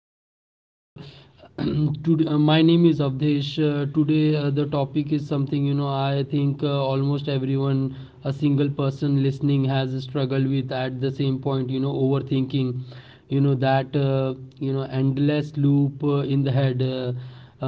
podcast. Today, my name is Avdesh. Today, the topic is something. I think almost everyone, a single person listening, has struggled with at the same point. Overthinking. You know that endless loop in the head, uh,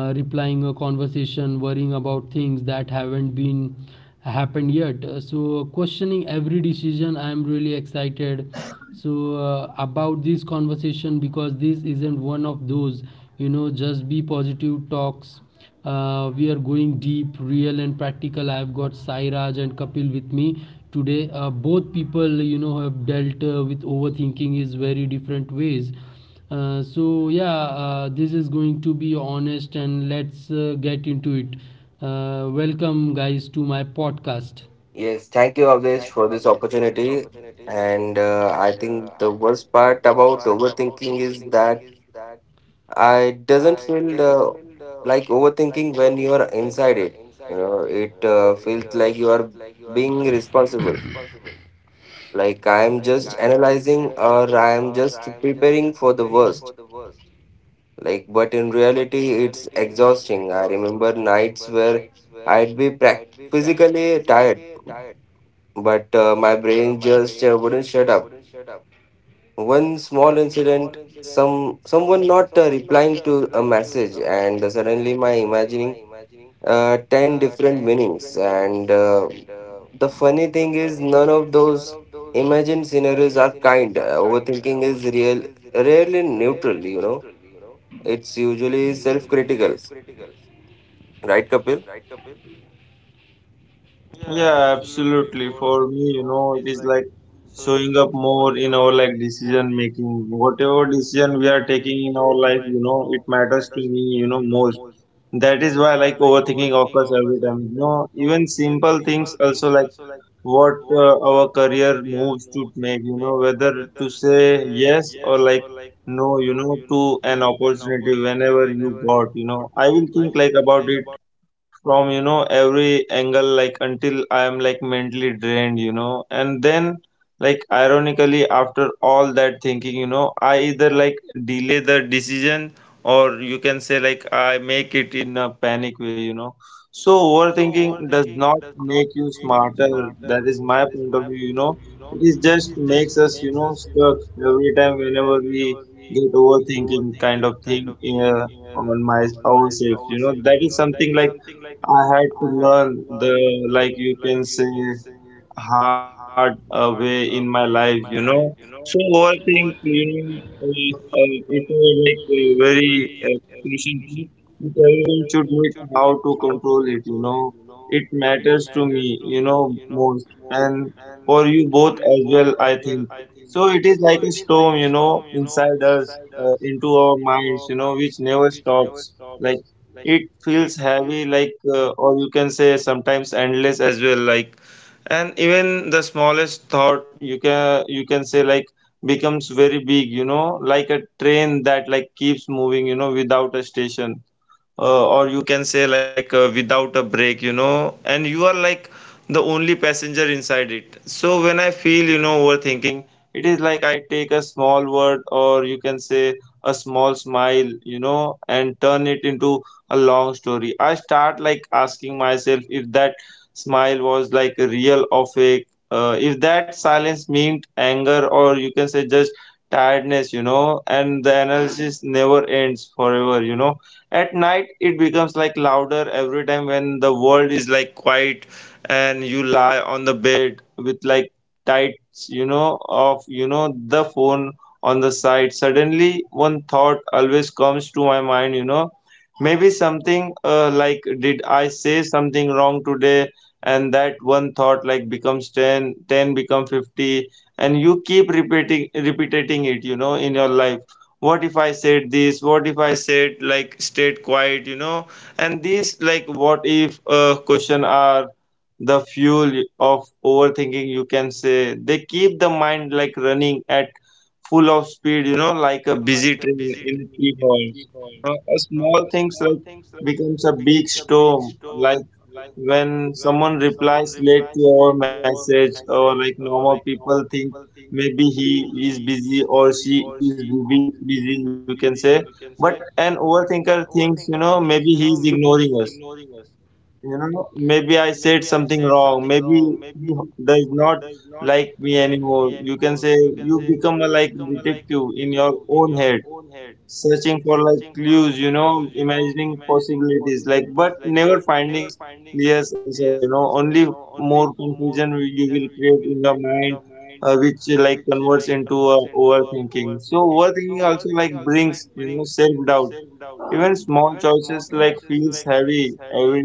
uh, replying a conversation, worrying about things that haven't been happened yet. So questioning every decision. I am really excited about this conversation because this isn't one of those just be positive talks. We are going deep, real, and practical. I've got Sairaj and Kapil with me today. Both people have dealt with overthinking is very different ways. So, yeah, this is going to be honest, and let's get into it. Welcome, guys, to my podcast. Yes, thank you, Avdesh, for this opportunity. And I think the worst part about overthinking is that I doesn't feel like overthinking when you are inside it. You know, it feels like you are being responsible. Like I am just analyzing or I am just preparing for the worst. Like, but in reality, it's exhausting. I remember nights where I'd be prac physically tired, but my brain just wouldn't shut up. One small incident, someone not replying to a message, and suddenly my imagining 10 different meanings, and the funny thing is none of those imagined scenarios are kind. Overthinking is real rarely neutral. It's usually self-critical, right, Kapil? Yeah, absolutely. For me, it is like showing up more in our like decision making. Whatever decision we are taking in our life, it matters to me, most. That is why like overthinking occurs every time. Even simple things also like our career moves to make, whether to say yes or like no, to an opportunity whenever you got, I will think like about it from every angle like until I am like mentally drained and then like ironically after all that thinking I either like delay the decision or you can say like I make it in a panic way so overthinking does not make you smarter. That is my point of view it is just makes us stuck every time whenever we get overthinking kind of thing in on my ourselves that is something like I had to learn the, like you can say, hard way in my life, So overthink, it was like a very crucial thing. But everyone should know how to control it, Matters to me, most, and for you both as well, I think. So it is like a storm, inside us, into our minds, which never stops. Like it feels heavy, like, or you can say sometimes endless as well, like and even the smallest thought you can say like becomes very big like a train that like keeps moving without a station, or you can say like without a break and you are like the only passenger inside it. So when I feel overthinking, it is like I take a small word or you can say a small smile and turn it into a long story. I start like asking myself if that smile was like real or fake, if that silence meant anger or you can say just tiredness and the analysis never ends forever. At night it becomes like louder every time when the world is like quiet and you lie on the bed with like tights of the phone on the side. Suddenly one thought always comes to my mind, maybe something, like did I say something wrong today. And that one thought like becomes ten, ten become 50, and you keep repeating it in your life. What if I said this, what if I said like stayed quiet, and these like what if question are the fuel of overthinking. You can say they keep the mind like running at full of speed like a busy train in key halls. A small things like becomes a big storm like when someone replies late to our message or like normal people think maybe he is busy or she is busy you can say. But an overthinker thinks maybe he is ignoring us, maybe I said something wrong, maybe he does not like me anymore you can say. You become a like detective in your own head searching for like clues, imagining possibilities, like but never finding clear answer, only more confusion you will create in your mind, which like converts into overthinking. So overthinking also like brings self doubt. Even small choices like feels heavy every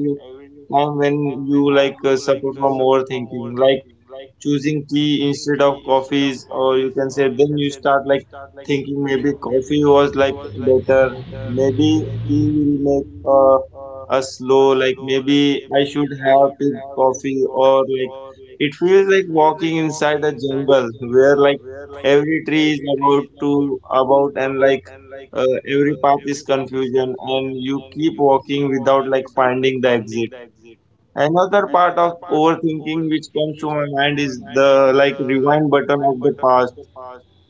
time when you like suffer from overthinking, like choosing tea instead of coffees, or you can say then you start like thinking maybe coffee was like better, maybe tea will make us slow, like maybe I should have picked coffee, or like it feels like walking inside a jungle where like every tree is about to about and like, every path is confusion and you keep walking without like finding the exit. Another part of overthinking which comes to my mind is the like rewind button of the past.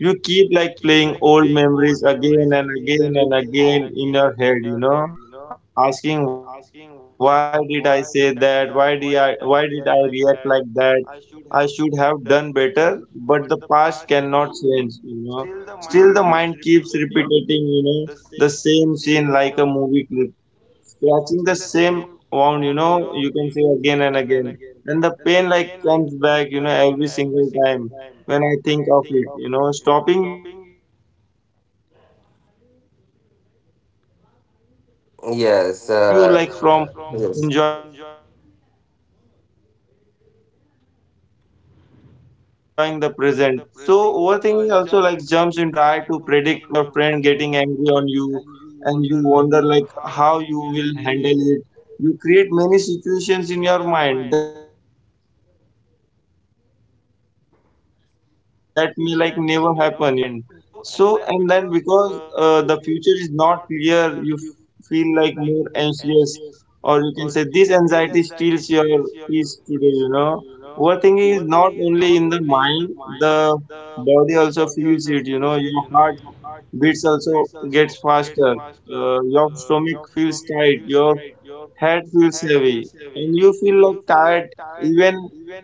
You keep like playing old memories again and again and again in your head, asking why did I say that? Why did I react like that? I should have done better, but the past cannot change, Still the mind keeps repeating, the same scene like a movie scratching the same wound, you can say again and again. And the pain like comes back, every single time when I think of it, stopping you like Yes, yes, from enjoying the present. So overthinking also like jumps into the future. You try to predict what will like how you will handle it. You create many situations in your mind that may like never happen but the mind still builds them and in our mind. So and then because the future is not clear, you feel like more anxious or you can say this anxiety steals your peace today. Overthinking is not only in the mind, the body also feels it, your heart beats also gets faster. Your stomach feels tight. Your head feels heavy and you feel like tired, even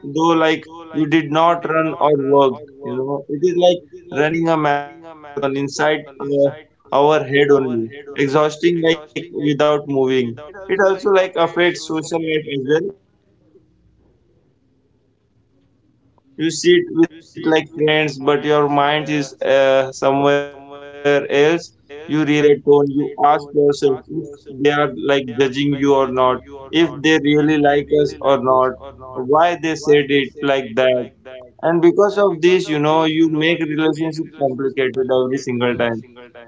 though like you did not run or work. It is like running a marathon inside, our head only, exhausting like without moving. It also like affects social life as well. You sit with like friends but your mind is somewhere else. You realize that, you analyze their words. You doubt you or not, if they really like us or not, why they said it like that. And because of this, you make relationship complicated every single time.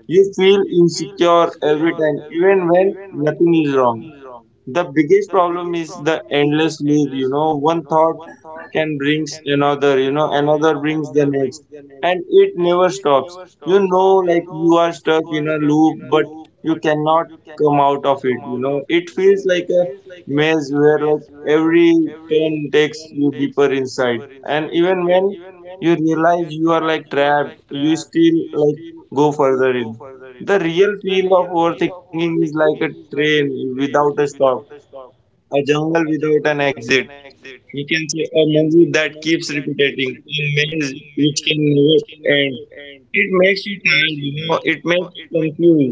You feel insecure every time, even when nothing is wrong. The biggest problem is the endless loop, one thought can brings another, another brings the next, and it never stops. Like you are stuck in a loop but you cannot come out of it. It feels like a maze where like every turn takes you deeper inside. And even when you realize you are like trapped, you still like go further in. The real feel of overthinking is like a train without a stop, a jungle without an exit, you can say, a movie that keeps repeating, a maze which can never end. It makes you tired, it makes you confused.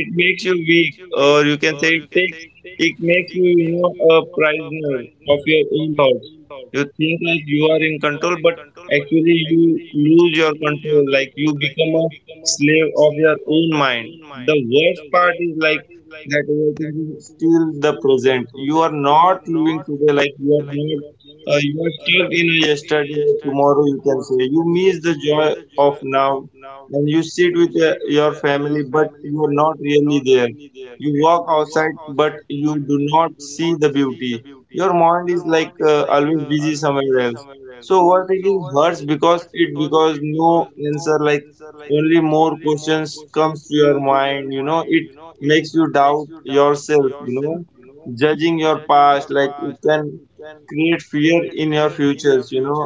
It makes you weak, or you can say it takes. It makes you, a prisoner of your own thoughts. You think like are in control, but actually you lose your control. Like you become a slave of your own mind. The worst part is like that overthinking is still the present. You are not living today. Like you are not. You are stuck in a yesterday. Tomorrow you can say you miss the joy of now. And you sit with your family, but you are not really there. You walk outside, but you do not see the beauty. Your mind is like, always busy somewhere else. So overthinking hurts because it because no answer, like only more questions comes to your mind. It makes you doubt yourself. Judging your past, like it can create fear in your futures. You know,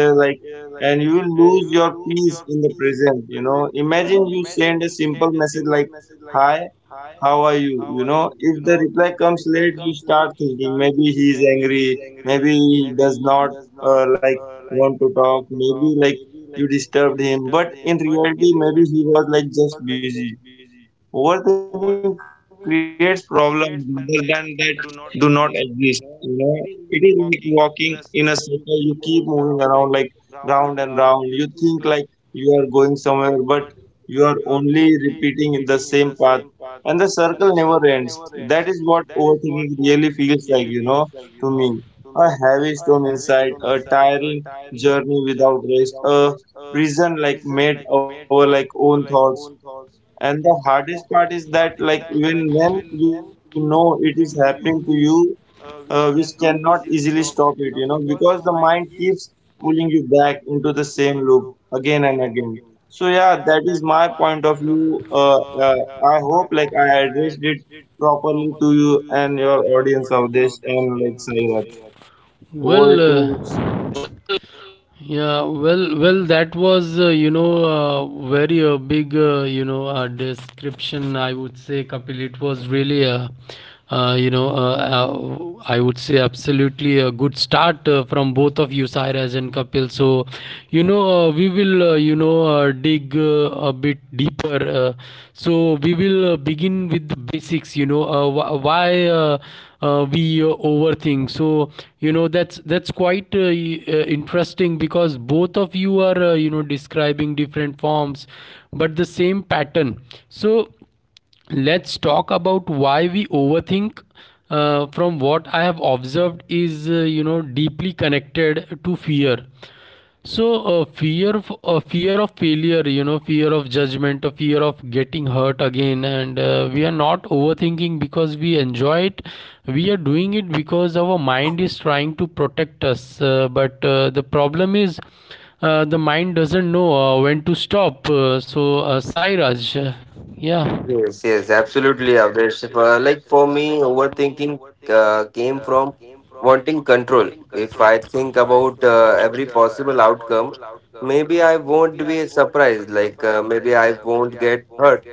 Uh, Like and you will lose your peace in the present. Imagine you send a simple message like hi, how are you. You know if the reply comes late you start thinking maybe he is angry, maybe he does not like want to talk, maybe like you disturbed him, but in reality maybe he was like just busy. Overthinking creates problems rather than that do not exist. It is like walking in a circle. You keep moving around like round and round. You think like you are going somewhere, but you are only repeating in the same path, and the circle never ends. That is what overthinking really feels like. To me, a heavy stone inside, a tiring journey without rest, a prison like made our like own thoughts. And the hardest part is that, like, even when you know it is happening to you, which cannot easily stop it, because the mind keeps pulling you back into the same loop again and again. So, yeah, that is my point of view. I hope, like, I addressed it properly to you and your audience of this, and like, Sairaj. Over well to uh, yeah, well, that was, very big, description. I would say, Kapil, it was really, uh, you know, uh, uh, I would say, absolutely a good start from both of you, Sairaj and Kapil. So, we will, dig a bit deeper. So we will begin with the basics. Why? We overthink. So that's quite interesting, because both of you are describing different forms but the same pattern. So let's talk about why we overthink. From what I have observed is deeply connected to fear. So, fear of failure, fear of judgment, fear of getting hurt again, and we are not overthinking because we enjoy it. We are doing it because our mind is trying to protect us. But the problem is, the mind doesn't know when to stop. So, Sairaj, yeah, yeah. Yes, absolutely, Avdesh. If, Like for me, overthinking came from wanting control. If I think about every possible outcome, maybe I won't be surprised. Maybe I won't get hurt.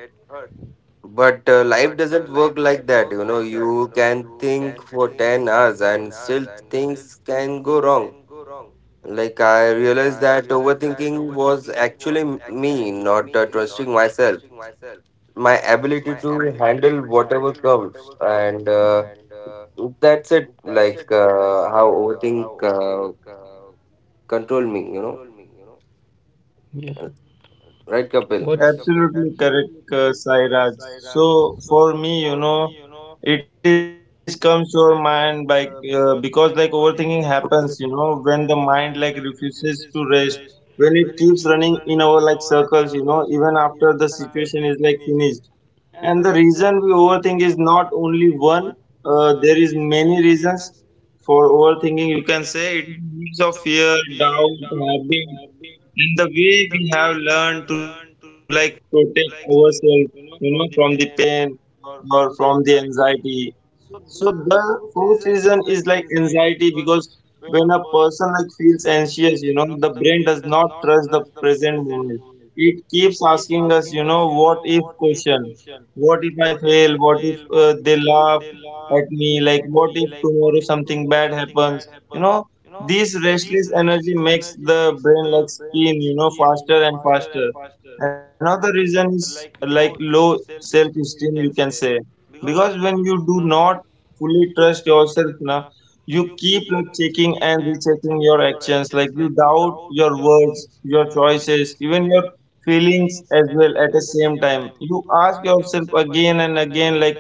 But life doesn't work like that. You know, you can think for 10 hours and still things can go wrong. Like I realized that overthinking was actually me not trusting myself, my ability to handle whatever comes, and that's it, like how overthink control me, you know? Right. Right, Kapil? What's absolutely correct, Sairaj. So for me, you know, it is comes to our mind by because like overthinking happens, you know, when the mind like refuses to rest, when it keeps running in our like circles, you know, even after the situation is like finished. And the reason we overthink is not only one. There is many reasons for overthinking. You can say it is a mix of fear, doubt, habit, and the way we have learned to like protect ourselves, you know, from the pain or from the anxiety. So the fourth reason is like anxiety, because when a person like feels anxious, you know, the brain does not trust the present moment. It keeps asking us, you know, what if question. What if I fail? What if they laugh at me? Like what if tomorrow something bad happens? You know, this restless energy makes the brain like spin, you know, faster and faster. Another reason is like low self-esteem, you can say, because when you do not fully trust yourself na, you like checking and rechecking your actions, like you doubt your words, your choices, even your feelings as well at the same time. You ask yourself again and again like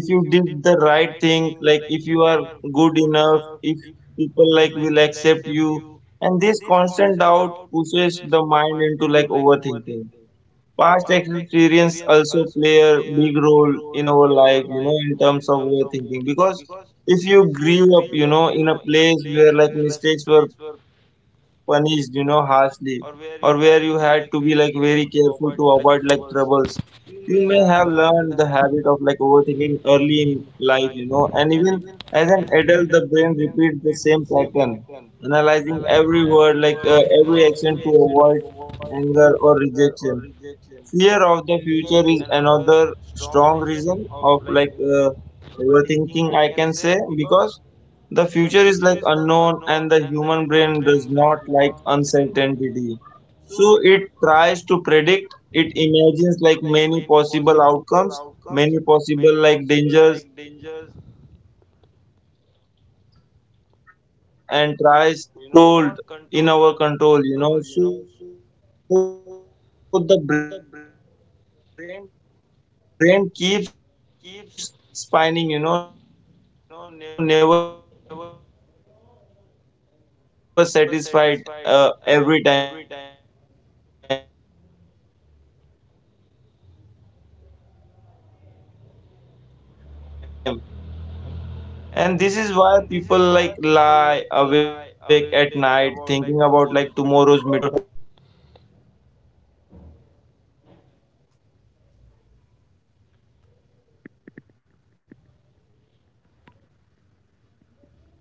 if you did the right thing, like if you are good enough, if people like will accept you, and this constant doubt pushes the mind into like overthinking. Past experience also play a big role in our life, you know, in terms of overthinking. Because if you grew up, you know, in a place where like mistakes were punished, you know, harshly, or where you had to be like very careful to avoid like troubles, you may have learned the habit of like overthinking early in life, you know, and even as an adult, the brain repeats the same pattern, analyzing every word, like every action to avoid anger or rejection. Fear of the future is another strong reason of uh, overthinking, I can say, because the future is like unknown, and the human brain does not like uncertainty. So it tries to predict, it imagines like many possible outcomes, many possible like dangers, and tries to prepare for them, you know. But the future cannot be fully controlled in our control, you know. So the brain keeps spinning, you know, never satisfied every time. And this is why people like lie awake at night thinking about like tomorrow's meeting or tomorrow's exam, as we do, you know. The brain wants like control, but life does not give full control on it, you know. So perfectionism is also a cause, because some people want everything to be perfect, perfect word, perfect action, perfect result,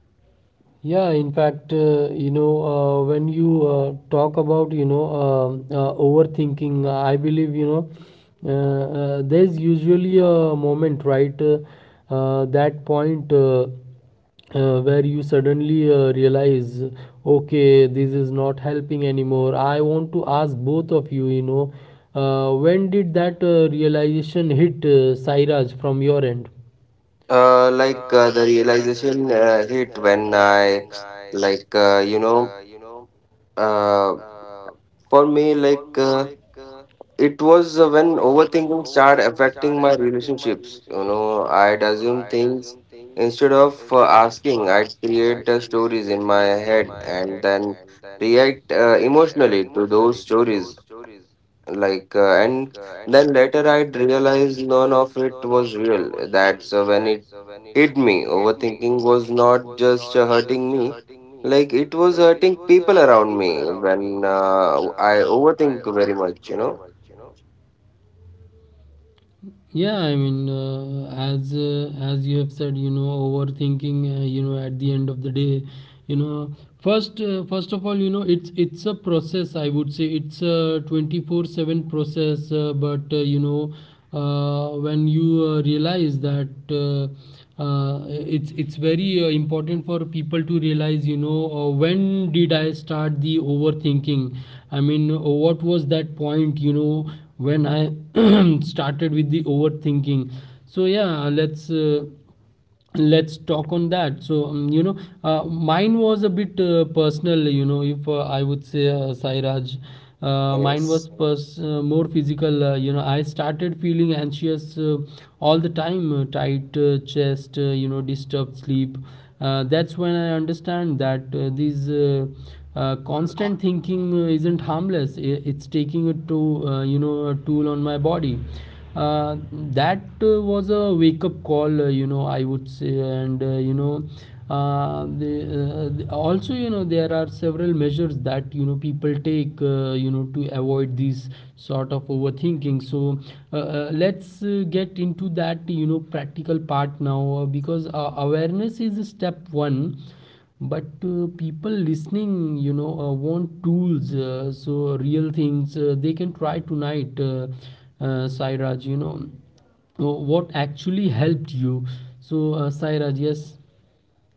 and yeah, because in of fact, this, you know, they keep when analyzing, you like keep talk about, editing, they are keeping worrying about overthinking, the I things, you know, believe, they cannot accepting small there's mistakes, usually their a own moment, mistakes, right? They cannot that expecting point like good enough as well, Where you and suddenly for them, you realize know, every detail okay, this matters, is not which helping makes the anymore. brain I like want work to ask overtime both of you, and you know overthinking becomes when the did that natural result realization like of hit, Sairaj, from perfectionism, your you end? know. Social fears is The also an realization example hit of when like I also a cause like of like you know overthinking comes, you know, uh, because humans are for like me social like animals and we it care was about like when how others overthinking see started us, you know. affecting my When you relationships. worry You too know, much I'd about assume the things judgment, like instead of you reply, like asking. you I'd know, create the replay stories in my conversation in head your head and again then and again, you react ask yourself like emotionally to if you those sounded stories. stupid, if they like Like, laughed uh, at you, and you know, then later if you I'd upset realize them, none of and it these was fears of real. That's rejection when or it you can hit say me. embarrassment Overthinking was makes the not brain just like go hurting in me. circles, and Like it social was media has... hurting people around me when I overthink very much, you know. Yeah, I mean as you have said, overthinking, at the end of the day, you know first of all, it's a process, I would say, it's a 24/7 process, but when you realize that, it's very important for people to realize when did I start the overthinking. I mean, what was that point, when I started with the overthinking. So, yeah, let's talk on that. So, mine was a bit personal, if I would say, Sairaj. Mine was Yes. More physical. I started feeling anxious all the time, tight chest, disturbed sleep. That's when I understand that these constant thinking isn't harmless. It's taking a to a tool on my body. uh, that was a wake up call, I would say. And also, there are several measures that, people take to avoid these sort of overthinking. So let's get into that practical part now, because awareness is step 1, but people listening want tools, so real things they can try tonight. Sairaj, uh, what actually helped you? So, Sairaj? Yes.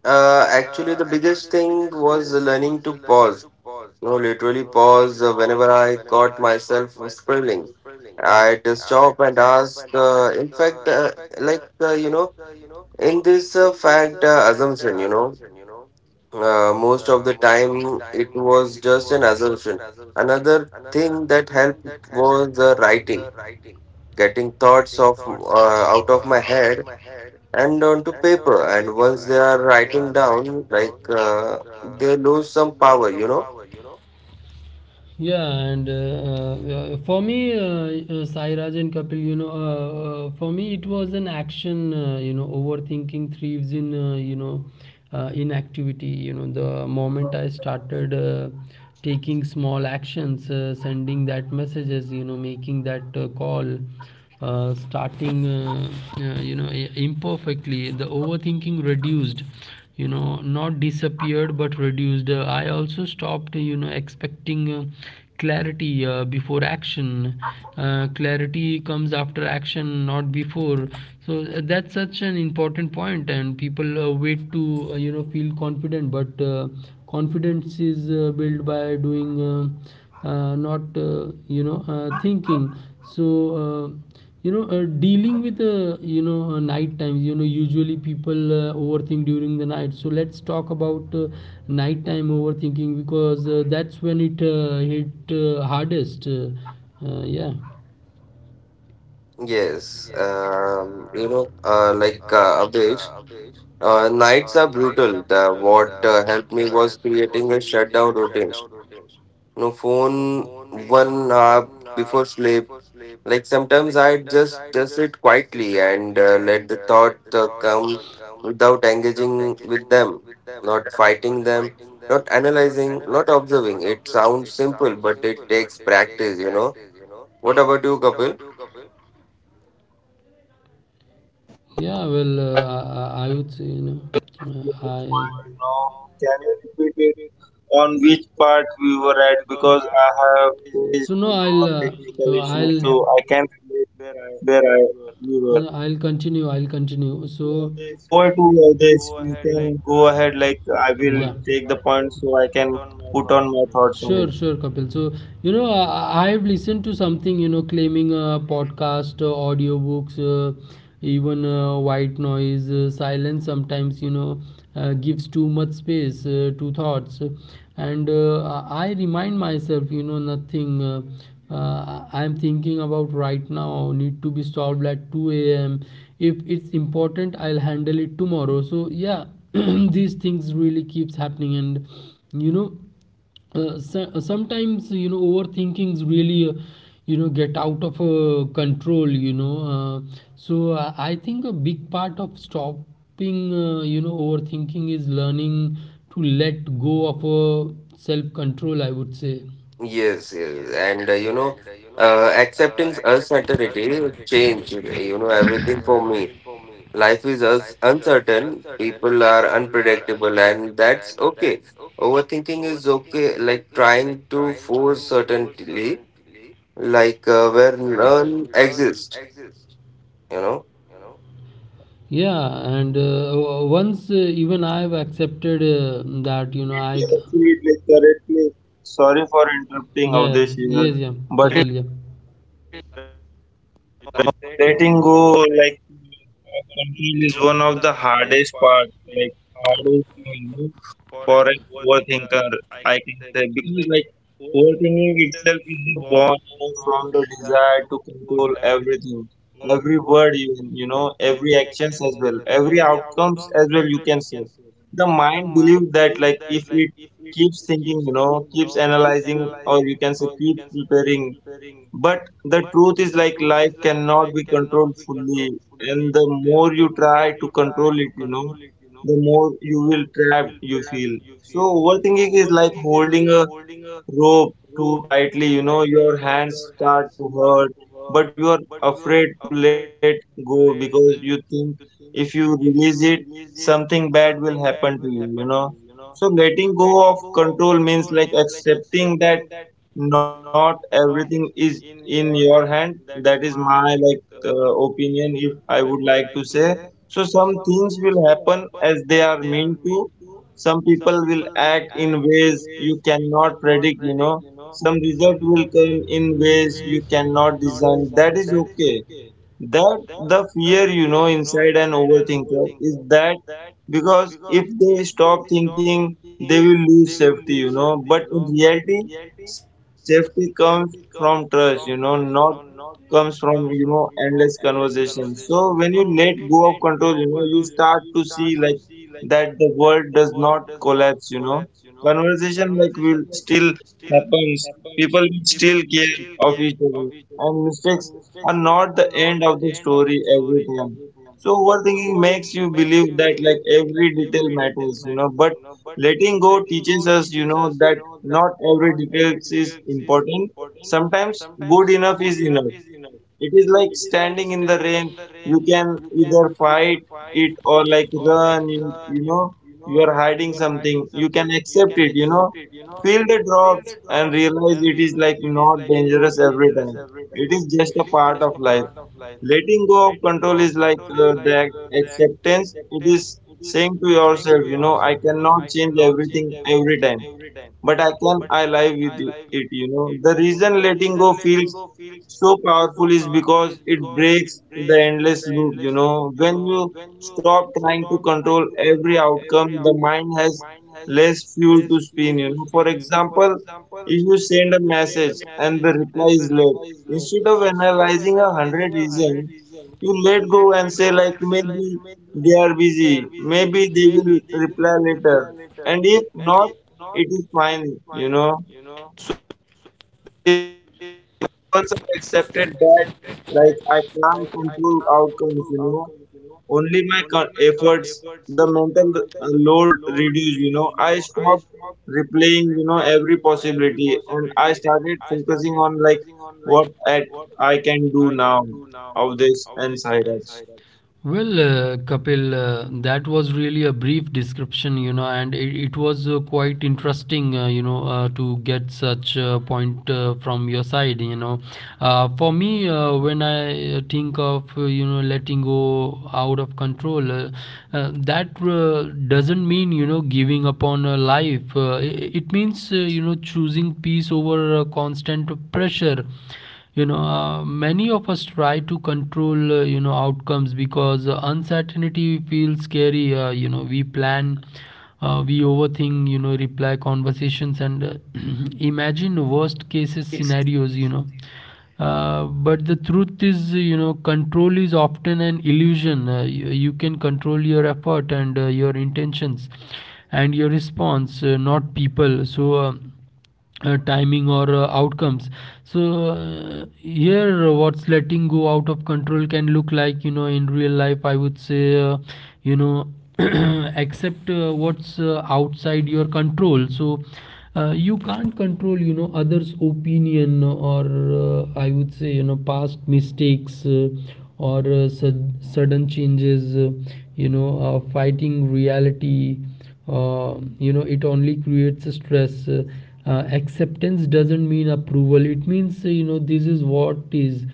Actually, the biggest thing was learning to pause. You know, literally pause whenever I caught myself scribbling. I'd stop and ask. In fact, like you know, in this fact assumption, you know, most of the time it was just an assumption. Another thing that helped was writing, getting thoughts of out of my head and onto paper. And once they are writing down, they lose some power, you know. Yeah, and for me, Sairaj and Kapil, for me it was an action. Overthinking thrives in inactivity. The moment I started taking small actions, sending that messages, making that call, starting imperfectly, the overthinking reduced, not disappeared, but reduced. I also stopped expecting clarity before action. Clarity comes after action, not before. So that's such an important point, and people wait to feel confident, but confidence is built by doing, not thinking. So dealing with night times, usually people overthink during the night. So let's talk about nighttime overthinking, because that's when it hit hardest, yeah. Yes, you know, Abhij, nights are brutal. The, what helped me was creating a shutdown routine. No phone 1 hour before sleep. Like sometimes I just sit quietly and let the thought come, without engaging with them, not fighting them, not analyzing, not observing. It sounds simple, but it takes practice, you know. What about you, Kapil? Yeah, well, I would say, I so no, uh, I lost I'll... your point, you know, can you repeat it? I'll On which continue. I'll part we were continue. at? Because So, I have faced, you know, technical issues, so I can't relate yeah. where I you were. Sure, sure, Kapil. So, So over I, to I've this, listened you to can something, go ahead. claiming Like I will podcast, take the point, so I audiobooks, can put on my even thoughts on it. white noise, silence sometimes, gives too much space to thoughts. And I remind myself, nothing. I am thinking about right now need to be solved at 2 a.m. If it's important, I'll handle it tomorrow. So, yeah, these things really keeps happening, and you know, so, sometimes overthinkings really get out of control, so I think a big part of stopping overthinking is learning to let go of self control, I would say. Yes, yes, and you know, accepting uncertainty changed, you know, everything for me. Life is us uncertain, people are unpredictable, and that's okay. Overthinking is okay, like trying to force certainty, where none exists, you know. Yeah, and once even I've accepted that, I c- Absolutely, absolutely correctly. yeah. Yes. Sorry Yeah. for Kapil. Yeah. interrupting Avdesh here, but like, letting go like of control is one of the hardest part, like hardest thing, you know, for an overthinker. I can say, because like overthinking itself is born, you know, from the desire to control everything, every word even, you know, every actions as well, every outcomes as well. You can say the mind believes that like if it keeps thinking, you know, keeps analyzing, or you can say keeps preparing. But the truth is like life cannot be controlled fully, and the more you try to control it, you know, the more you will trapped you feel. So overthinking is like holding a rope too tightly, you know, your hands start to hurt, but you are afraid to let go, because you think if you release it, something bad will happen to you, you know. So letting go of control means like accepting that not everything is in your hand, that is my like opinion if I would like to say. So some things will happen as they are meant to, some people will act in ways you cannot predict, you know, some result will come in ways you cannot design, that is okay. That the fear, you know, inside an overthinker is that because if they stop thinking, they will lose safety, you know, but in reality, safety comes from trust, you know, not comes from, you know, endless conversation. So when you let go of control, you know, you start to see like that the world does not collapse, you know. Conversation like will still happens, people will still care of each other, and mistakes are not the end of the story every time. So overthinking makes you believe that like every detail matters, you know, but letting go teaches us, you know, that not every detail is important. Sometimes good enough is enough. It is like standing in the rain. You can either fight it or like run. You know, you are hiding something. You can accept it, you know. Feel the drops and realize it is like not dangerous every time. It is just a part of life. Letting go of control is like the acceptance. It is saying to yourself, you know, I cannot change everything every time, but I can I live with it, you know. The reason letting go feels so powerful is because it breaks the endless loop, you know. When you stop trying to control every outcome, the mind has less fuel to spin, you know. For example, if you send a message and the reply is late, instead of analyzing a hundred reasons, you let go and say like maybe they are busy, maybe they will reply later. And if not, it is fine, you know. Also accepted that like I can't control outcomes, you know, only my co- efforts. The mental load reduced, you know. I stopped replaying, you know, every possibility, and I started focusing on like what at I can do now of this. And Cyrus. Well, Kapil, that was really a brief description, and it was quite interesting, to get such a point from your side. For me, when I think of, letting go out of control, that doesn't mean, giving up on a life. It means, choosing peace over constant pressure. Many of us try to control outcomes because uncertainty feels scary, we plan, we overthink, reply conversations, and imagine worst cases scenarios. But the truth is, control is often an illusion. You can control your effort, and your intentions, and your response, not people, so timing or outcomes. So here what's letting go out of control can look like, in real life, I would say. You know Accept what's outside your control. So you can't control, others opinion, or I would say, past mistakes, or sudden changes, fighting reality, it only creates stress. Acceptance doesn't mean approval. It means, this is what is,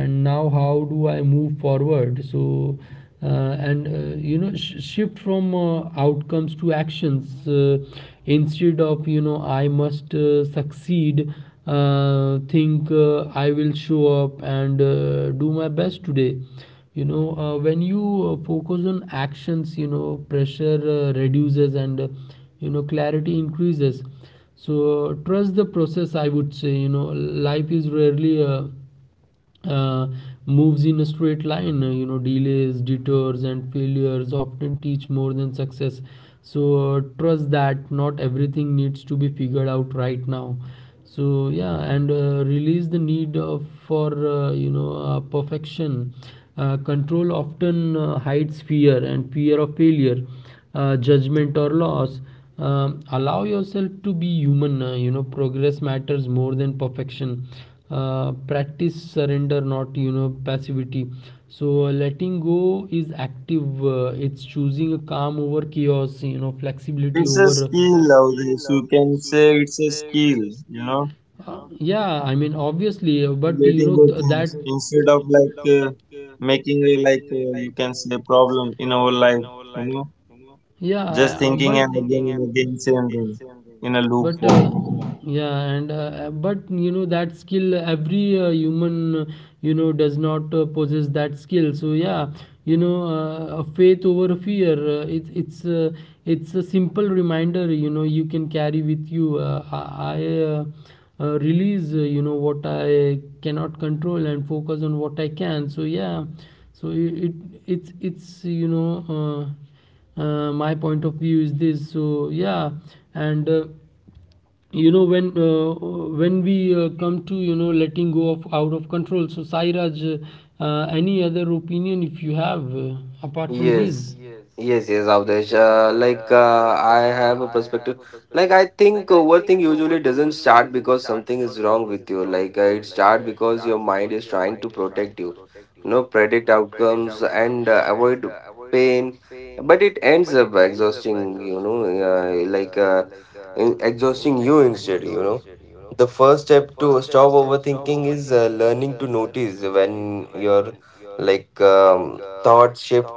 and now how do I move forward? So and shift from outcomes to actions, instead of I must succeed. Think, I will show up and do my best today. When you focus on actions, pressure reduces, and clarity increases. So trust the process, I would say. Life is rarely uh, moves in a straight line. Delays, detours, and failures often teach more than success. So trust that not everything needs to be figured out right now. So, yeah, and release the need for perfection. Control often hides fear, and fear of failure, judgment, or loss. Allow yourself to be human. Progress matters more than perfection. It's a Practice skill, surrender, of this. not You can say it's a passivity. skill, So you know, letting go is active. It's choosing a creating good calm over things instead chaos, of like flexibility over making a like you can say problem in our life, you know, know. Yeah, I mean just thinking obviously, and but you again know it's same that a thing in a loop form. yeah just but just but yeah and but you know that skill every human you know does not possess that skill, so yeah, you know, a faith over fear. It's it's a simple reminder you know you can carry with you. Release you know what I cannot control and focus on what I can, so yeah. So it it's you know uh, my point of view is this, so yeah. And you know, when we come to you know letting go of out of control. So Sairaj, any other opinion if you have apart from this? Yes, yes, yes, Avdesh. I have a perspective. Like I think overthink usually doesn't start because something is wrong with you. It start because your mind is trying to protect you, you know, predict outcomes and avoid pain. But it ends up exhausting, you know, in exhausting you instead, you know. The first step to stop overthinking is learning to notice when your thoughts shift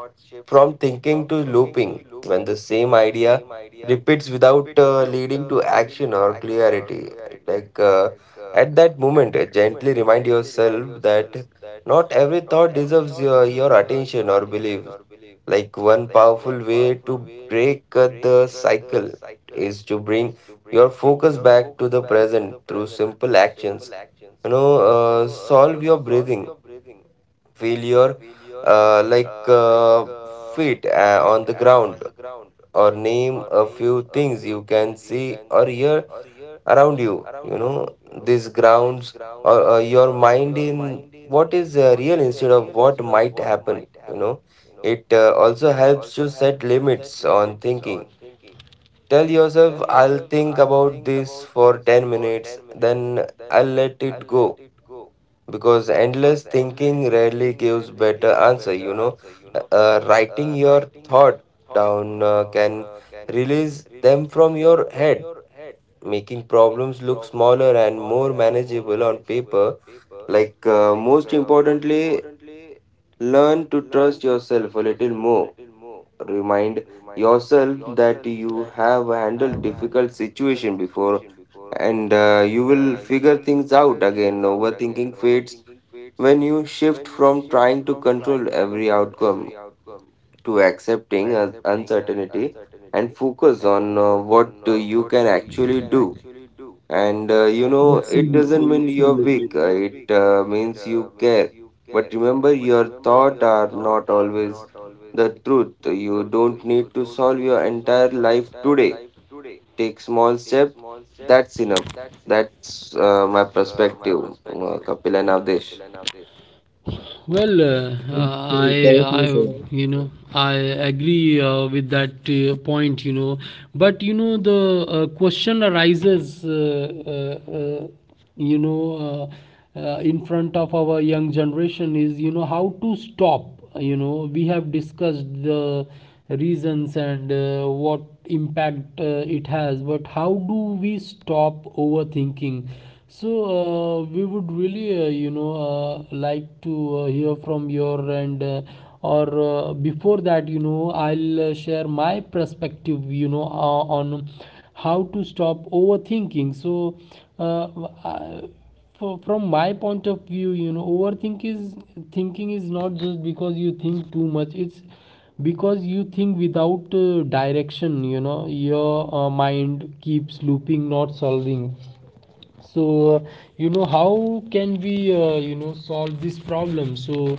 from thinking to looping, when the same idea repeats without leading to action or clarity. Like uh, at that moment, gently remind yourself that not every thought deserves your attention or belief. Like one powerful way to break the cycle is to bring your focus back to the present through simple actions. You know, solve your breathing. Feel your uh, like uh, feet on the ground, or name a few things you can see or hear around you. You know, these grounds or your mind in what is real instead of what might happen. You know, it also helps you set limits on thinking. Tell yourself, I'll think about this for 10 minutes, then I'll let it go, because endless thinking rarely gives better answer, you know. Writing your thought down can release them from your head, making problems look smaller and more manageable on paper. Most importantly, learn to trust yourself a little more. Remind yourself that you have handled difficult situation before, and you will figure things out again. Overthinking fades when you shift from trying to control every outcome to accepting uncertainty and focus on what you can actually do. And you know, it doesn't mean you're weak, it means you care. But remember, Absolutely, your absolutely. thoughts are not always the truth. You don't need to solve your entire life today. Take small step. That's enough. That's my perspective, Kapil and Avdesh. Well, I you know, I agree with that Absolutely, point, correctly you said. know. But you know, the question arises, you know, in front of our young generation is, you know, how to stop. You know, we have discussed the reasons and what impact it has, but how do we stop overthinking? So, we would really, you know, like to hear from your, and or before that, you know, I'll share my perspective, you know, on how to stop overthinking. So, uh, I, for, from my point of view, you know, overthink is thinking is not just because you think too much. It's because you think without direction. You know, your mind keeps looping, not solving. So you know, how can we you know solve this problem? So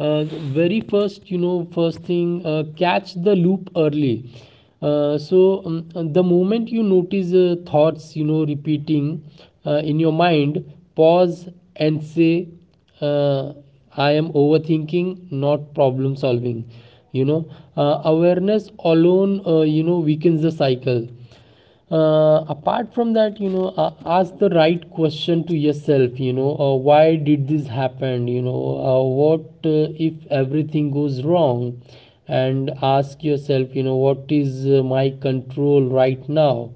uh, very first, you know, first thing, catch the loop early. The moment you notice thoughts you know repeating in your mind, pause and say uh, I am overthinking, not problem solving, you know. Awareness alone you know weakens the cycle. Apart from that, you know, ask the right question to yourself, you know, why did this happen, you know, what if everything goes wrong, and ask yourself, you know, what is my control right now,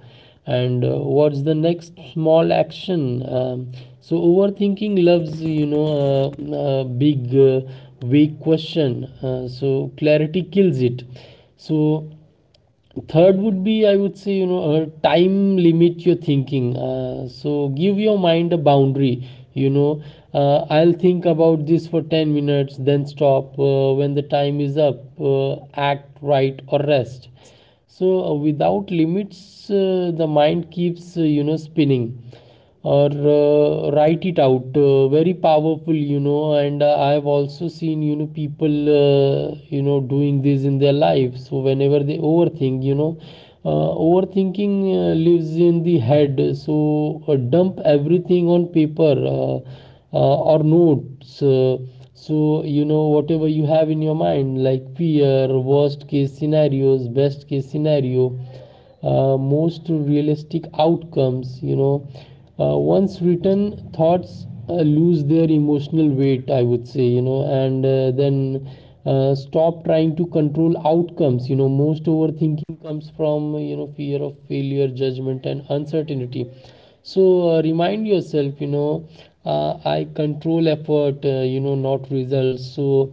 and what's the next small action. um, so overthinking loves, you know, big vague question, so clarity kills it. So third would be, I would say, you know, time limit your thinking, so give your mind a boundary, you know. I'll think about this for 10 minutes, then stop. When the time is up, act right or rest. So without limits, the mind keeps you know spinning. Or write it out, very powerful, you know, and I have also seen, you know, people you know doing this in their life. So whenever they overthink, you know, overthinking lives in the head, so dump everything on paper, or notes, so you know whatever you have in your mind, like fear, worst case scenarios, best case scenario, most realistic outcomes, you know. Once written, thoughts lose their emotional weight, I would say, you know. And then stop trying to control outcomes, you know. Most overthinking comes from, you know, fear of failure, judgment and uncertainty. So remind yourself, you know, I control effort, you know, not results. So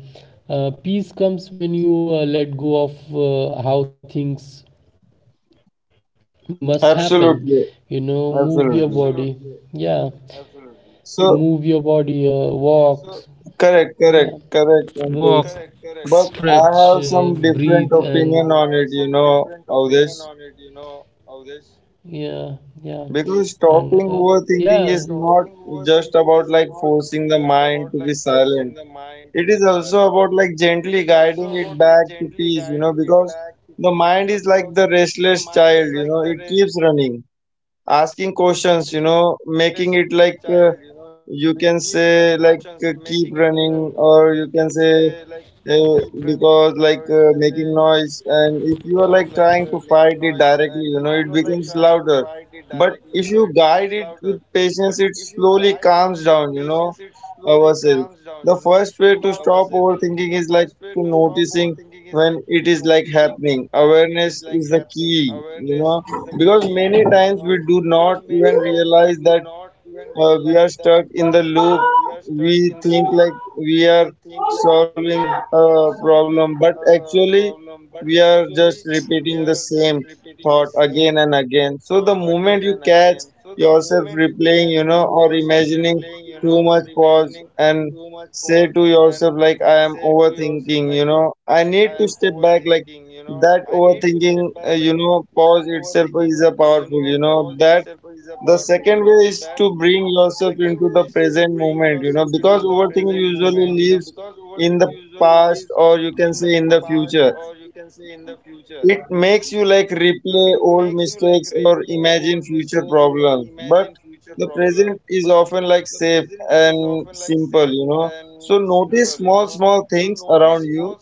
peace comes when you let go of how things must happen, you know. Move your Absolutely, body. Absolutely. Yeah, absolutely. move your body, So walk, yeah, correct, walk, correct, correct correct, Ankush, stretch, but I breathe. But have and some different opinion on it, you know, of this. yeah, yeah, and Because stopping yeah, overthinking is not just about like forcing the mind to be silent, it is also about like gently guiding it back to peace, you know, because the mind is like the restless child, you know, it keeps running, asking questions, you know, making it like you can say like keep running or you can say uh, because like making noise, and if you are like trying to fight it directly, you know, it becomes louder, but if you guide it with patience it slowly calms down, you know. Ourselves, the first way to stop overthinking is like to noticing when it is like happening. Awareness is the key, you know, because many times we do not even realize that we are stuck in the loop. We think like we are solving a problem, but actually we are just repeating the same thought again and again. So the moment you catch yourself replaying, you know, or imagining too much, pause and say to yourself like I am overthinking, you know, I need to step back. Like that overthinking you know pause itself is a powerful, you know, that. The second way is to bring yourself into the present moment, you know, because overthinking usually lives in the past or you can say in the future. It makes you like replay old mistakes or imagine future problems. But the present is often like safe and simple, you know. So notice small, small things around you,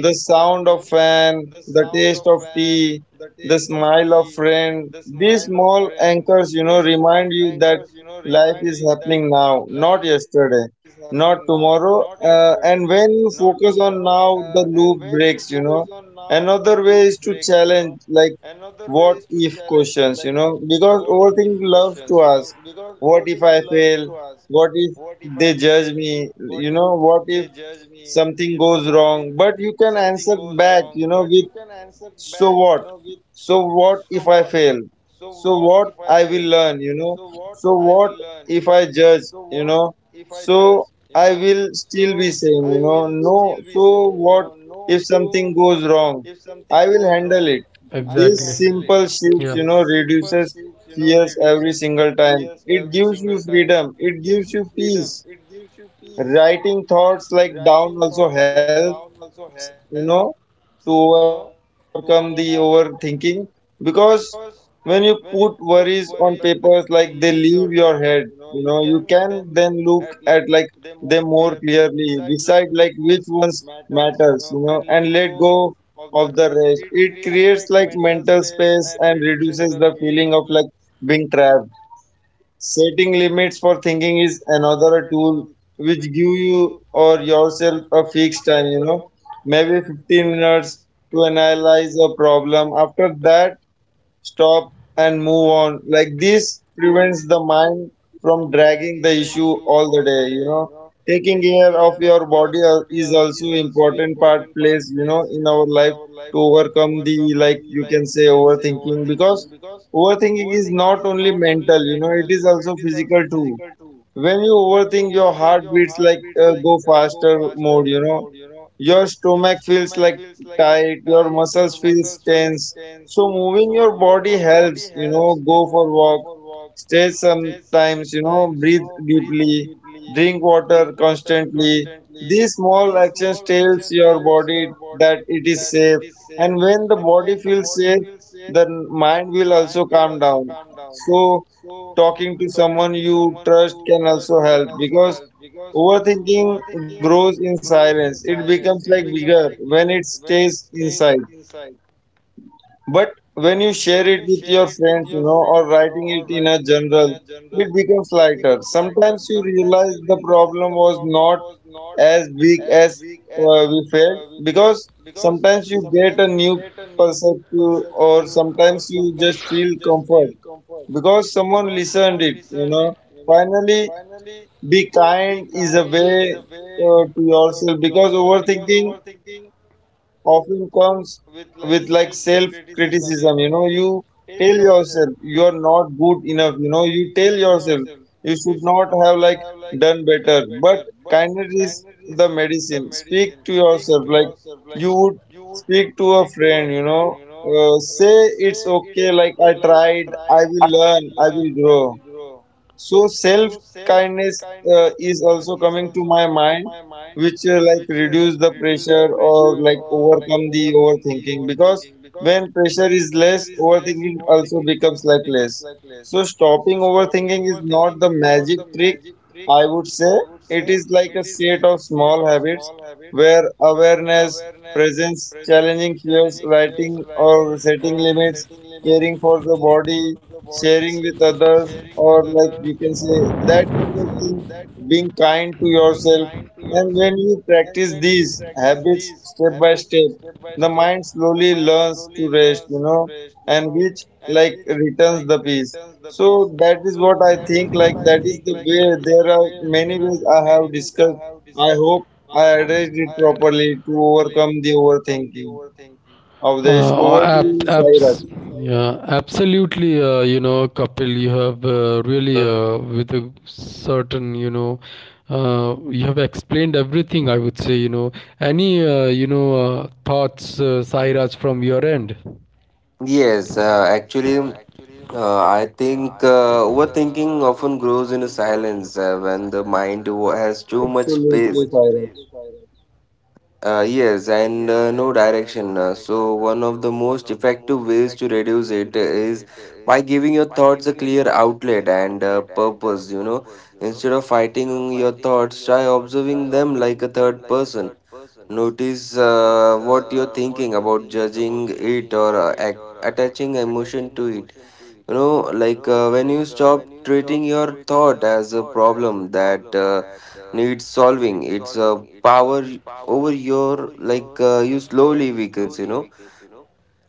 the sound of fan, the taste of tea, the smile of friend. These small anchors, you know, remind you that life is happening now, not yesterday, not tomorrow. And when you focus on now, the loop breaks, you know. Another way is to challenge, what if questions, you know, because overthinking loves to ask, what if I fail? What if they judge me? You know, what if something goes wrong, but you can answer back, you know, with so what. So what if I fail? So what, I will learn, you know. So what if I judge, you know. So I will still be same, you know. No, so what if something goes wrong, I will handle it. This simple shift, you know, reduces fears every single time. It gives you freedom, it gives you peace. Writing thoughts like down also helps, you know, to overcome the overthinking, because when you put worries on papers, like they leave your head, you know, you can then look at like them, decide like which ones matters, you know, and let go of the rest. It creates like mental space and reduces the feeling of like being trapped. Setting limits for thinking is another tool which give you or yourself a fixed time, you know, maybe 15 minutes to analyze a problem. After that, stop and move on. Like this prevents the mind from dragging the issue all the day. Taking care of your body is also important part plays, you know, in our life to overcome the, like you can say, overthinking, because overthinking is not only mental, you know, it is also physical too. When you overthink, your heart beats like, go faster mode, you know. Your stomach feels like tight, your muscles feels tense. So moving your body helps, you know. Go for walk, stretch sometimes, you know, breathe deeply, drink water constantly. These small actions tells your body that it is safe. And when the body feels safe, the mind will also calm down. So talking to someone you trust can also help, because overthinking grows in silence. It becomes like bigger when it stays inside. But when you share it with your friends, you know, or writing it in a journal, it becomes lighter. Sometimes you realize the problem was not as big as we felt, because sometimes you get a new perspective, or sometimes you just feel comfort because someone listened it, you know. Finally, be kind is a way to yourself, because overthinking often comes with like self criticism. You know, you tell yourself you are not good enough. You know, you tell yourself you should not have like done better. But kindness the medicine. Speak to yourself like you would speak to a friend. You know, say it's okay. Like I tried. I will learn. I will grow. So self-kindness is also coming to my mind, which like reduce the pressure or like overcome the overthinking, because when pressure is less, overthinking also becomes like less. So stopping overthinking is not the magic trick, I would say. It is like a set of small habits where awareness, presence, challenging fears, writing or setting limits, caring for the body, sharing with others, or like you can say that kind of thing, being kind to yourself. And when you practice these habits step by step, the mind slowly learns to rest, you know, and which like returns the peace. So that is what I think. Like that is the way. There are many ways I have discussed. I hope I addressed it properly to overcome the overthinking of this. uh, Over to you, Abs- Sairaj. yeah, absolutely. You know, Kapil, you have really, with a certain, you know, you have explained everything. I would say, you know, any, you know, thoughts, Sairaj, from your end? Yes, actually. I think Absolutely, overthinking Sairaj. often grows in silence when the mind has too much space. Yes, and no direction. So, one of the most effective ways to reduce it is by giving your thoughts a clear outlet and purpose. You know, instead of fighting your thoughts, try observing them like a third person. Notice what you're thinking about judging it or attaching emotion to it, you know. When you stop treating your thought as a problem that needs solving, it's a power over your you slowly weakens, you know.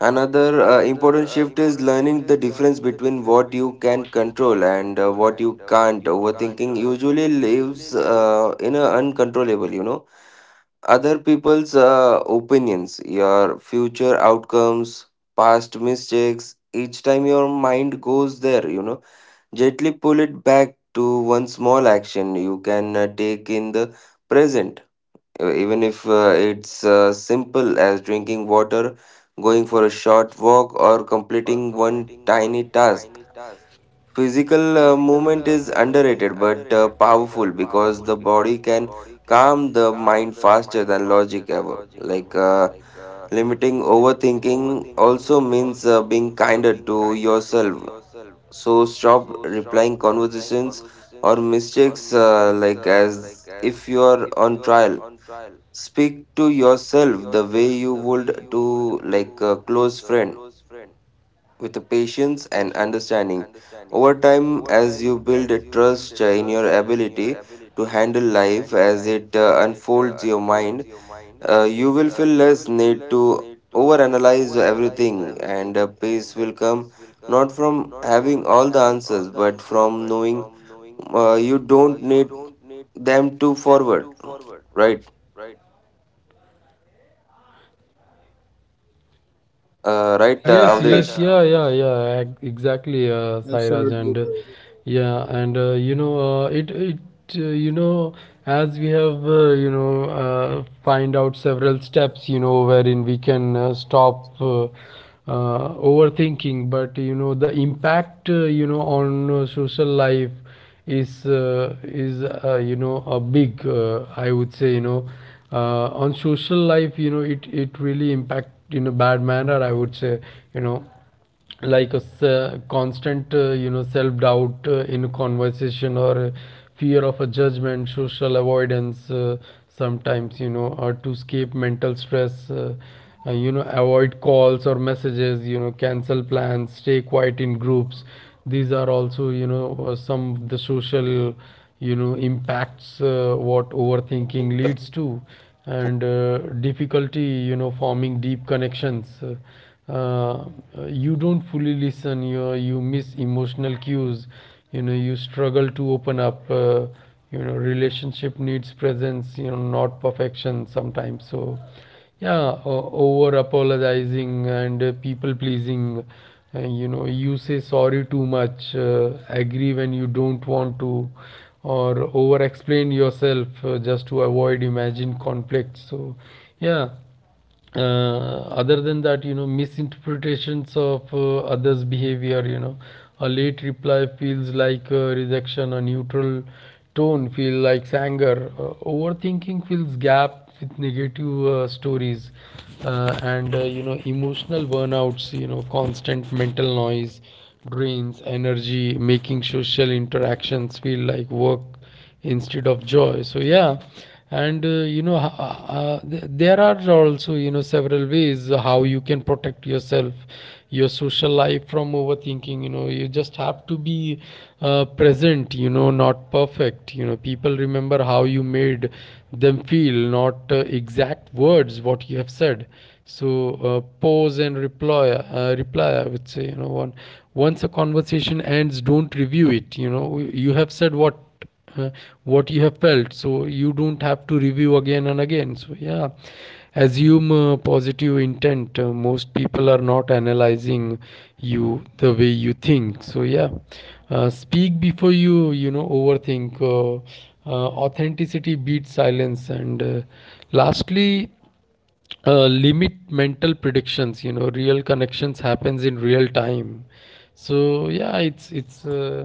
Another important shift is learning the difference between what you can control and what you can't. Overthinking usually lives in a uncontrollable, you know, other people's opinions, your future outcomes, past mistakes. Each time your mind goes there, you know, gently pull it back to one small action you can take in the present. Even if it's simple as drinking water, going for a short walk, or completing one tiny task. Physical movement is underrated but powerful because the body can calm the mind faster than logic ever. Limiting overthinking also means being kinder to yourself. So stop replying conversations or mistakes like as if you are on trial. Speak to yourself the way you would to like a close friend, with a patience and understanding. Over time, as you build a trust in your ability to handle life as it unfolds your mind, you will feel less need to overanalyze everything, and peace will come not from having all the answers, but from knowing you don't need them to forward. Right, Absolutely, Sairaj. Right, Yeah. Avdesh. Yeah, yeah, yeah, exactly, Sairaj, and yeah, and you know, uh, it, it, you know, as we have, you know, find out several steps, you know, wherein we can stop overthinking. But you know, the impact, you know, on social life is, you know, a big, I would say, you know, on social life, you know, it really impact in a bad manner, I would say, you know, like a constant you know self doubt in conversation or fear of a judgment, social avoidance, sometimes, you know, or to escape mental stress, you know, avoid calls or messages, you know, cancel plans, stay quiet in groups. These are also, you know, some of the social, you know, impacts what overthinking leads to. And difficulty, you know, forming deep connections, you don't fully listen, you miss emotional cues, you know, you struggle to open up, you know, relationship needs presence, you know, not perfection sometimes. So yeah, over apologizing and people pleasing, you know, you say sorry too much, agree when you don't want to, or over explain yourself, just to avoid imagined conflict, so yeah. Other than that, you know, misinterpretations of others behavior, you know, a late reply feels like a rejection, a neutral tone feel like anger. Overthinking fills gap with negative stories, and you know, emotional burnouts. You know, constant mental noise drains energy, making social interactions feel like work instead of joy, so yeah. And you know, there are also, you know, several ways how you can protect yourself, your social life, from overthinking. You know, you just have to be present, you know, not perfect. You know, people remember how you made them feel, not exact words what you have said. So pause and reply, reply, I would say, you know, one, once a conversation ends, don't review it. You know, you have said uh, what you have felt, so you don't have to review again and again, so yeah. Assume positive intent, most people are not analyzing you the way you think, so yeah. Speak before you you know overthink, authenticity beats silence. And lastly, limit mental predictions, you know, real connections happens in real time, so yeah. It's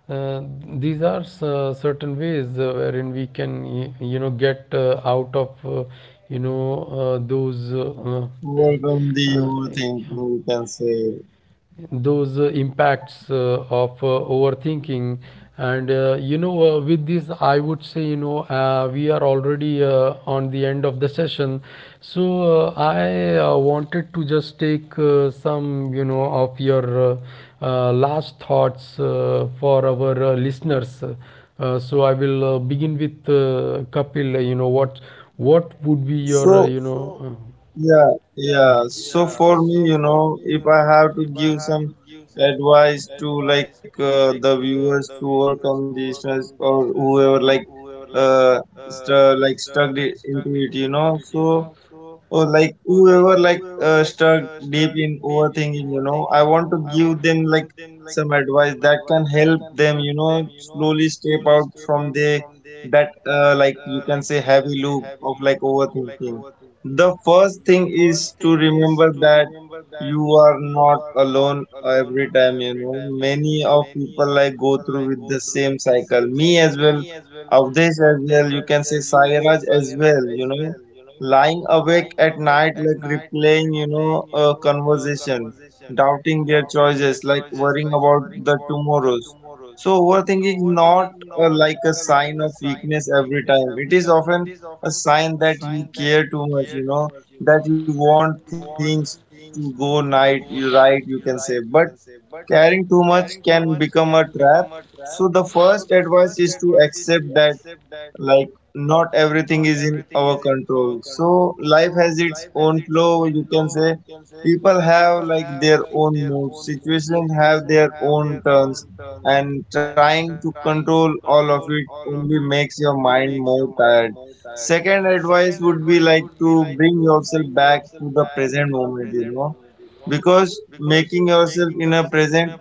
uh, these are certain ways wherein we can you know get out of you know uh, those uh, uh, Work on the whole thing, we can say. those impacts of overthinking. And you know, with this, I would say, you know, we are already on the end of the session. So I wanted to just take some, you know, of your last thoughts for our listeners. So I will begin with Kapil. You know, what would be your you So know, yeah, yeah, so for me, you know, if I have to give some advice to like the viewers to work on these stress, or whoever like uh like stuck into it, you know. So or like whoever like stuck deep in overthinking, you know, I want to give them like some advice that can help them, you know, slowly step out from the that like you can say heavy loop of like overthinking. The first thing to remember that you are not alone. Every time, you know, many of people like go through with the same cycle, me as well of this as well you can say, Sairaj as well, you know, lying awake at night, like replaying, you know, a conversation, doubting their choices, like worrying about the tomorrows. So overthinking is not like a sign of weakness every time. It is often a sign that you care too much, you know, that you want things to go night, you right, you can say. But caring too much can become a trap. So the first advice is to accept that like not everything is in our control. So life has its own flow, you can say. People have like their own moods, situations have their own turns, and trying to control all of it only makes your mind more tired. Second advice would be like to bring yourself back to the present moment, you know, because making yourself in a present,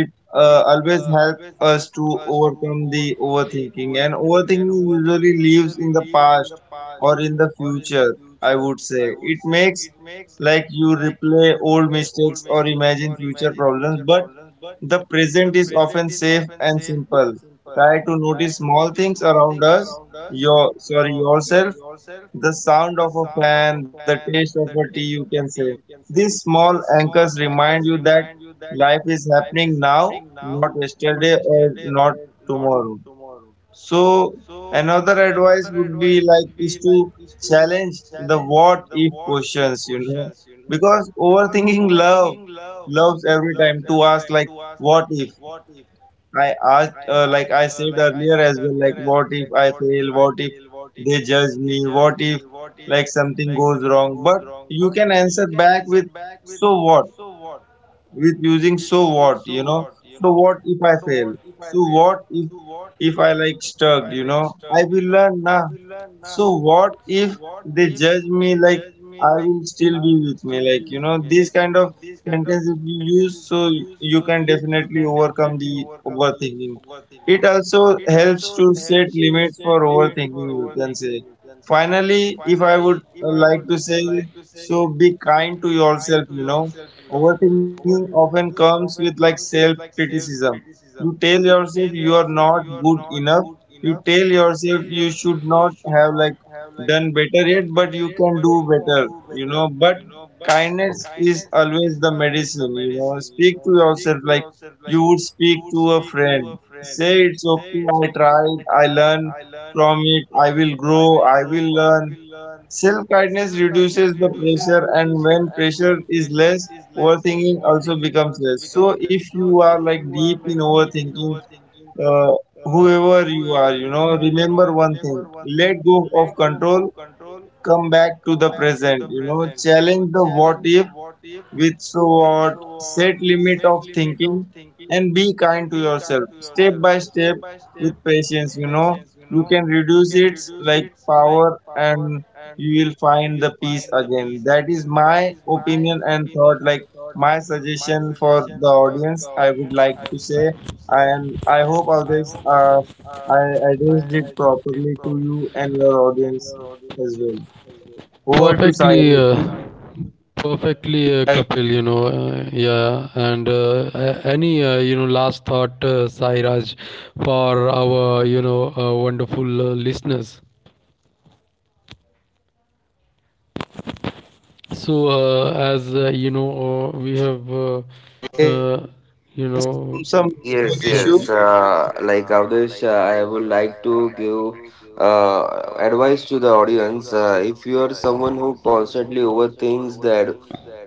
it always helps us to overcome the overthinking. And overthinking usually lives in the past or in the future, I would say. It makes like you replay old mistakes or imagine future problems, but the present is often safe and simple. Try to notice small things around us, your sorry yourself, the sound of a fan, the taste of a tea, you can say. These small anchors remind you that life is happening now, not yesterday or not tomorrow. So another advice would be like is to challenge the what if questions, you know, because overthinking loves every time to ask like, what if I asked, like I said earlier as well, like what if I fail? What if they judge me? What if like something goes wrong? But you can answer back with, so what? With using so what, you know. So what if I fail? So what if I like stuck, you know. I will learn now. So what if they judge me? Like I will still be with me, like, you know. This kind of sentence if you use, so you can definitely overcome the overthinking. It also helps to set limits for overthinking, you can say. Finally, if I would like to say, so be kind to yourself, you know. Overthinking often comes with like self criticism. You tell yourself you are not good enough. You tell yourself you should not have like done better yet, but you can do better, you know. But kindness is always the medicine, you know. Speak to yourself like you would speak to a friend. Say it's okay, I tried, I learned from it, I will grow, I will learn. Self-kindness reduces the pressure, and when pressure is less, overthinking also becomes less. So if you are like deep in overthinking, uh, whoever you are, you know, remember one thing. Let go of control, come back to the present, you know, challenge the what if with so what, set limit of thinking and be kind to yourself step by step with patience, you know. You can reduce it like power, and you will find the peace again. That is my opinion and thought, like my suggestion for the audience, I would like to say. And I hope others, I addressed it properly to you and your audience as well. Over to perfectly Saira. perfectly, Kapil, you know, yeah, and any, you know, last thought, Sairaj, for our, you know, wonderful listeners. So, It's some as you big issue. know, we have, uh, you know, Yes, yes. Like Avdesh, I would like to give advice to the audience. If you are someone who constantly overthinks that,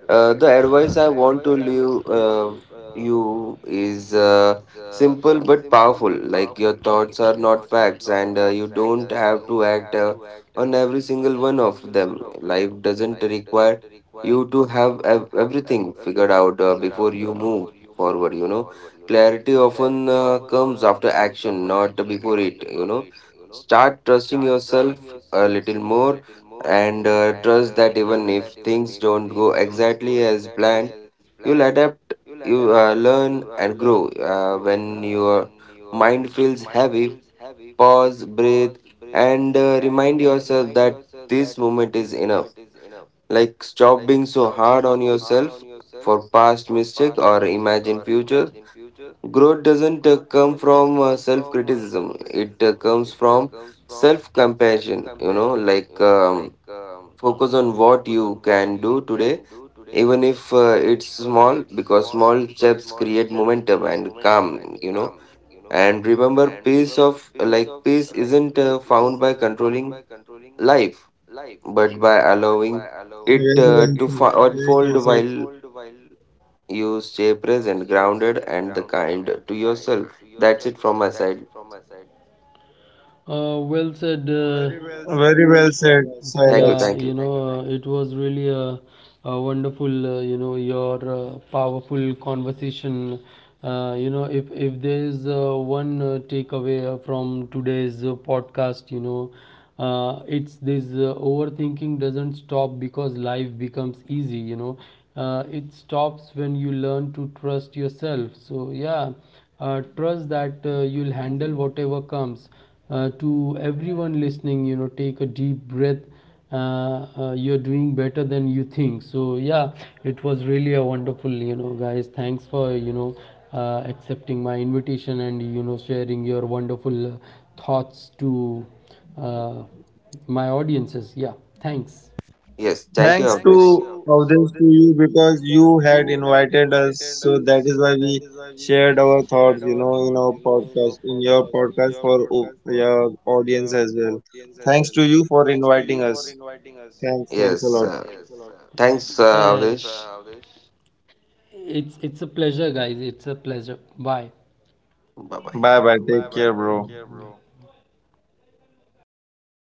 the advice I want to leave you is simple but powerful. Like your thoughts are not facts, and you don't have to act on every single one of them. Life doesn't require you to have everything figured out before you move forward. You know, clarity often comes after action, not before it. You know, start trusting yourself a little more and trust that even if things don't go exactly as planned, you'll adapt, you learn, and grow. When your mind feels heavy, pause, breathe, and remind yourself that this moment is enough. Like, stop being so hard on yourself for past mistake or imagine future. Growth doesn't come from self criticism, it comes from self compassion. You know, focus on what you can do today, even if it's small, because small steps create momentum and calm, you know. And remember, peace of like peace isn't found by controlling life, but by allowing Very it well uh, said. to Very fa- well said. unfold while you stay present, grounded, and the kind to yourself. That's it from my side. Well said, Very well said, Sairaj. yeah, Thank you, you thank you. know, it was really a wonderful, you know, your powerful conversation. You know, if there is one takeaway from today's podcast, you know, it's this, overthinking doesn't stop because life becomes easy. You know, it stops when you learn to trust yourself, so yeah. Trust that you'll handle whatever comes. To everyone listening, you know, take a deep breath, uh, you're doing better than you think, so yeah. It was really a wonderful, you know, guys, thanks for, you know, accepting my invitation and, you know, sharing your wonderful thoughts to uh, my audiences, yeah. Thanks. Yes, thank you, Thanks Avdesh. to Avdesh to you, because you had invited us, so that is why we shared our thoughts, podcast, in your podcast for your audience as well. Thanks to you for inviting us. Thanks, thanks a Yes, lot. Thanks, Yeah, Avdesh. it's a pleasure, guys. It's a pleasure. Bye. Bye bye. Bye bye. Take care, bro.